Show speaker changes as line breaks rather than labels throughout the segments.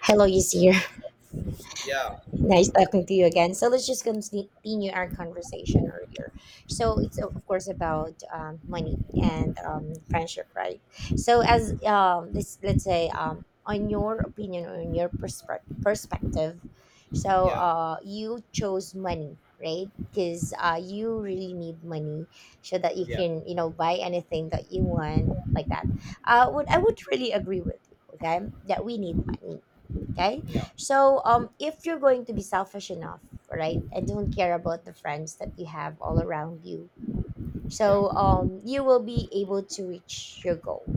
Hello, Yasir.
Yeah,
Nice talking to you again. So let's just continue our conversation earlier. So it's of course about money and friendship, right? So as this, let's say, on your opinion or on your perspective, so
yeah,
you chose money, right? Because you really need money so that you
yeah,
can, you know, buy anything that you want, like that. Would I would really agree with you, okay? That we need money. Okay,
yeah,
so, if you're going to be selfish enough, right, and don't care about the friends that you have all around you,
yeah,
so you will be able to reach your goal.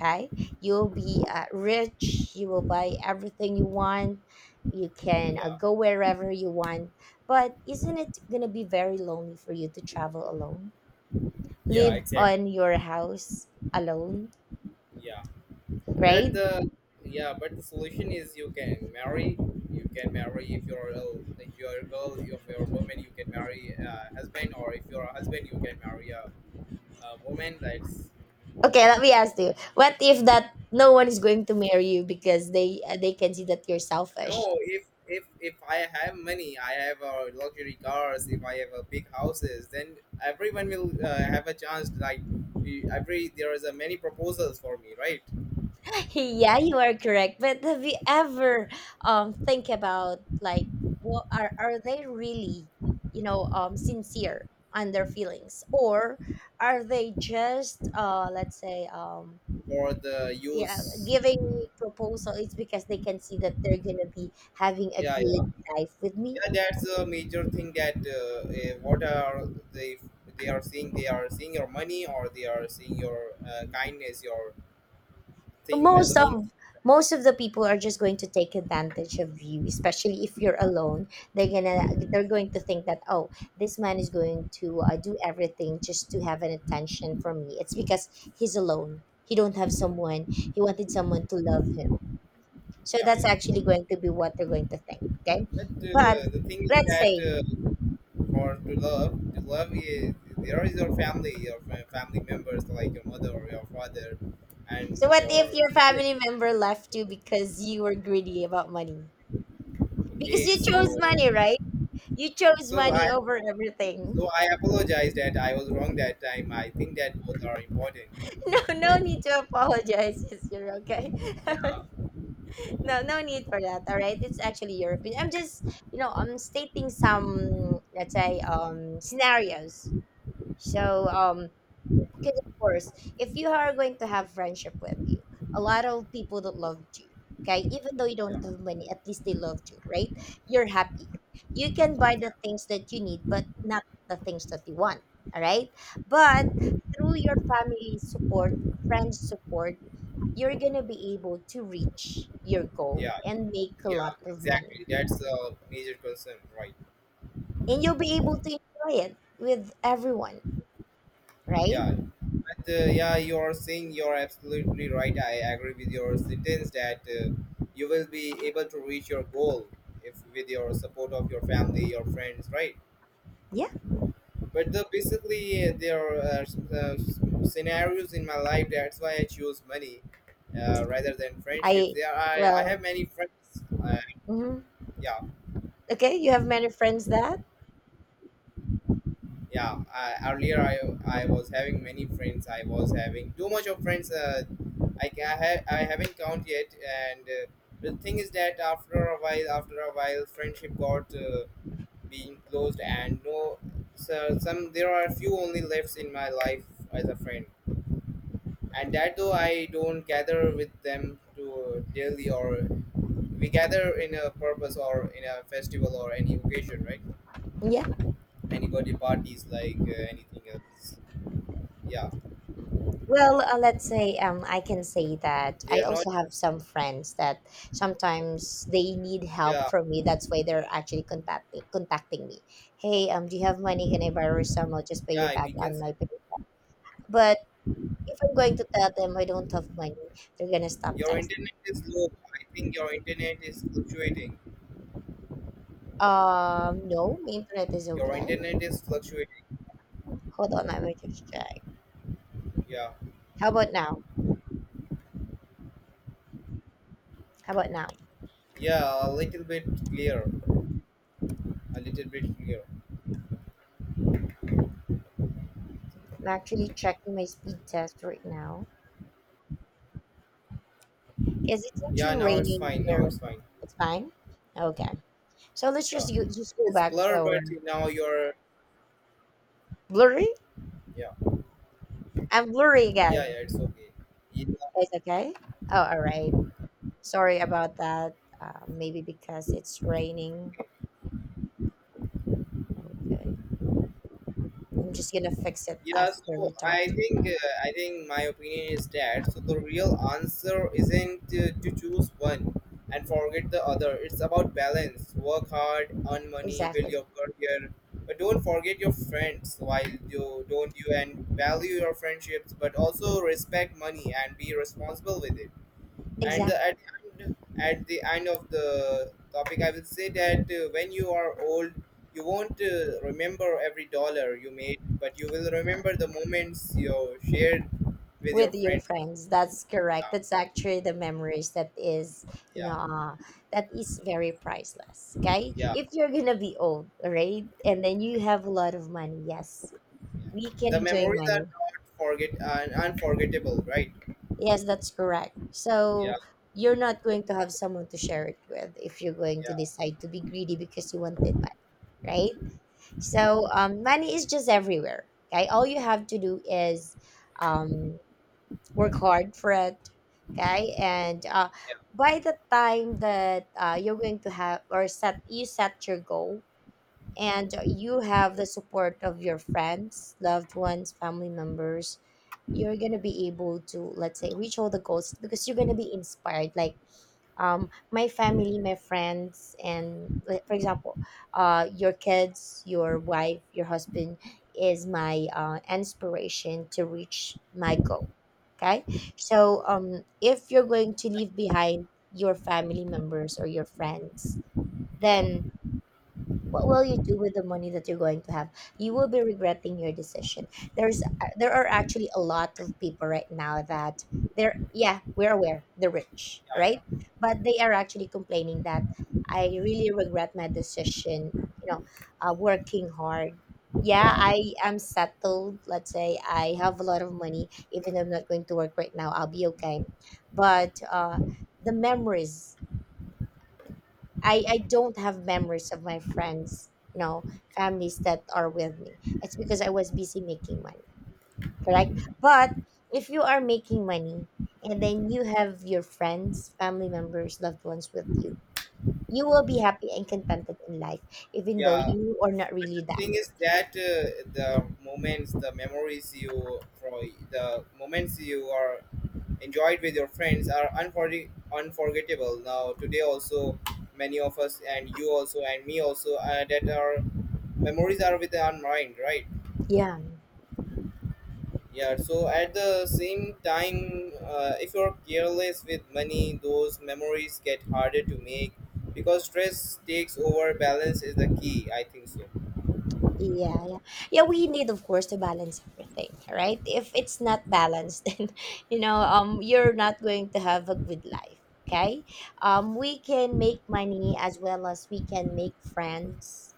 Okay, you'll be rich. You will buy everything you want. You can
yeah,
go wherever you want. But isn't it gonna be very lonely for you to travel alone,
yeah,
live
exact.
on your house alone,
Yeah, that
right?
the yeah, but the solution is you can marry. If you're a girl, if you're a woman, you can marry a husband, or if you're a husband, you can marry a woman that's
Okay, let me ask you. What if that no one is going to marry you because they can see that you're selfish?
No, if I have money, I have luxury cars, if I have a big houses, then everyone will have a chance, like every there is a many proposals for me, right?
Yeah, you are correct. But have you ever think about like what are they really, you know, sincere on their feelings or are they just let's say um
For the
yeah
use.
giving me proposal, it's because they can see that they're gonna be having a
Yeah, yeah,
good life with me.
yeah, that's a major thing that what are they, they are seeing your money or they are seeing your kindness, your thing the
most of
mean.
most of the people are just going to take advantage of you, especially if
Yeah,
you're alone. they're gonna they're going to think that, oh, this man is going to do everything just to have an attention from me. It's because he's alone, he don't have someone, he wanted someone to love him. So
yeah,
that's
yeah.
actually going to be what they're going to think, okay?
But
But
the thing is
let's
that
say,
for to love is there is your family, your family members, like your mother or your father
so
and
what if
your
your
siblings.
family member left you because you were greedy about money, because
Okay,
you chose money, right? You chose
so
money
i
over everything.
so I apologize that I was wrong that time. I think that both are important,
No, no
right?
need to apologize. Yes, you're okay.
Yeah,
No, no need for that. All right, it's actually your opinion. I'm just, you know, I'm stating some, let's say, scenarios. So, because of course, if you are going to have friendship with you, a lot of people that loved you, okay, even though you
yeah,
don't have money, at least they loved you, right? You're happy. You can buy
yeah,
the things that you need, but not the things that you want. All right, but through your family support, friends support, you're going to be able to reach your goal
yeah,
and make a
yeah,
lot of money.
exactly, that's a major concern, right?
And you'll be able to enjoy it with everyone, right?
Yeah, but yeah, you are saying you're absolutely right. I agree with your sentence that you will be able to reach your goal if with your support of your family, your friends, right?
Yeah.
But basically, there are uh, scenarios in my life. That's why I choose money rather than friendships.
I,
Yeah, I
well,
have many friends.
mhm.
Yeah,
Okay, you have many friends that?
yeah, earlier I was having many friends. I was having too much of friends, I ca- I, ha- I haven't count yet, and the thing is that after a while friendship got being closed, and no, so some there are few only left in my life as a friend. And that though I don't gather with them to daily, or we gather in a purpose or in a festival or any occasion, right?
Yeah.
Anybody parties, like anything else. Yeah.
Well, let's say I can say that
They
I
are not.
also have some friends that sometimes they need help
Yeah,
from me. That's why they're actually contacting me. Hey, do you have money? Can I borrow some? I'll just pay you
yeah.
back
We can
on
say
my pay. But if I'm going to tell them I don't have money, they're gonna stop
your
texting.
internet is low. I think your internet is fluctuating.
No, my internet is
Your
okay.
internet is fluctuating.
Hold on, let me just check.
Yeah,
How about now? How about now?
yeah. A little bit clear. A little bit clear.
I'm actually checking my speed test right now because it's
Yeah.
actually
Now it's
raining
fine. Now
here.
it's fine.
It's fine. Okay, so
Yeah.
just go
It's
back to
blur,
our
but now you're.
blurry.
Yeah,
I'm blurry
yeah,
again.
yeah. It's okay.
It's okay. Oh, all right. Sorry about that. Maybe because it's raining. Okay, I'm just gonna fix it
Yeah,
after
so
we
I
talk.
think uh, I think my opinion is that so the real answer isn't to choose one and forget the other. It's about balance. Work hard, earn money, build
Exactly.
your career, but don't forget your friends. While you don't you and value your friendships, but also respect money and be responsible with it. And the,
Exactly.
at the end of the topic, I will say that when you are old, you won't remember every dollar you made, but you will remember the moments you shared with your
With your
friends.
friends. That's correct.
Yeah,
That's actually the memories that is, you
yeah,
know, that is very priceless. Okay.
yeah,
If you're going to be old, all right, and then you have a lot of money, yes,
yeah.
we can
The
enjoy
memories are
money.
not forget and unforgettable, right?
Yes, that's correct.
Yeah,
So you're not going to have someone to share it with if you're going
yeah,
to decide to be greedy because you wanted money, right? So money is just everywhere. Okay. All you have to do is um, work hard for it, okay, and
yeah,
by the time that you're going to have, or set your goal, and you have the support of your friends, loved ones, family members, you're going to be able to, let's say, reach all the goals because you're going to be inspired, like my family, my friends, and like, for example, your kids, your wife, your husband is my inspiration to reach my goal. Okay, so if you're going to leave behind your family members or your friends,
yeah,
then what will you do with the money that you're going to have? You will be regretting your decision. There are actually a lot of people right now that they're, yeah, we're aware, they're rich,
yeah,
right?
yeah,
But they are actually complaining that I really regret my decision, you know, working hard. Yeah,
yeah,
I am settled. Let's say I have a lot of money. Even though I'm not going to work right now, I'll be okay. But the memories, I don't have memories of my friends, you know, families that are with me. It's because I was busy making money, correct? But if you are making money and then you have your friends, family members, loved ones with you, you will be happy and contented in life, even though
yeah.
you are not
But
really
the
that
thing
rich.
is that the moments, the memories you from, the moments you are enjoyed with your friends are unforgettable. Now, today also, many of us and you also and me also that our memories are with our mind, right?
Yeah.
Yeah. So at the same time, if you're careless with money, those memories get harder to make because stress takes over. Balance is the key. I think so.
Yeah, yeah. Yeah, we need of course to balance everything, right? If it's not balanced, then you know, you're not going to have a good life, okay? Um, we can make money as well as we can make friends,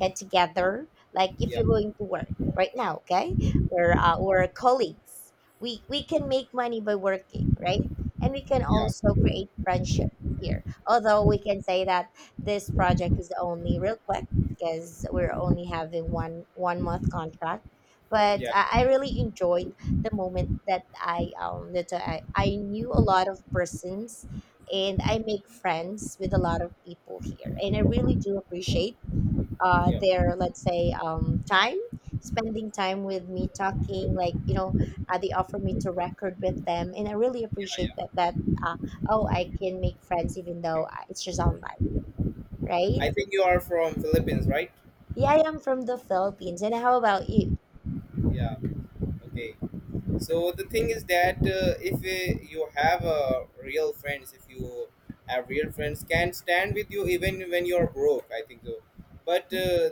get together. Like if
Yeah.
you're going to work right now, okay? We're colleagues. We can make money by working, right? And we can
Yeah.
also create friendship here. Although we can say that this project is only real quick because we're only having one one month contract. But
Yeah.
I really enjoyed the moment that I knew a lot of persons, and I make friends with a lot of people here. And I really do appreciate
Yeah.
their, let's say, um, time spending time with me, talking, like, you know, they offer me to record with them, and I really
Yeah.
appreciate that.
Yeah.
Uh, oh, I can make friends even though it's just online, right?
I think you are from Philippines, right?
Yeah, I am from the Philippines. And how about you?
Yeah. Okay. So the thing is that if you have real friends, if you have real friends, can stand with you even when you're broke. I think so. But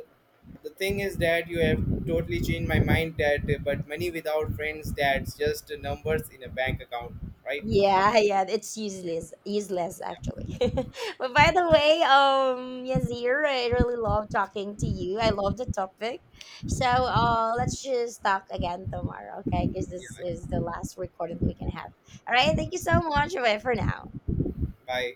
the thing is that you have totally changed my mind. That but money without friends, that's just numbers in a bank account, right?
Yeah, yeah, it's useless, useless actually.
Yeah.
But by the way, Yazir, I really love talking to you. I love the topic. So, let's just talk again tomorrow, okay? Because this is
Yeah.
the last recording that we can have. All right, thank you so much. Bye for now.
Bye.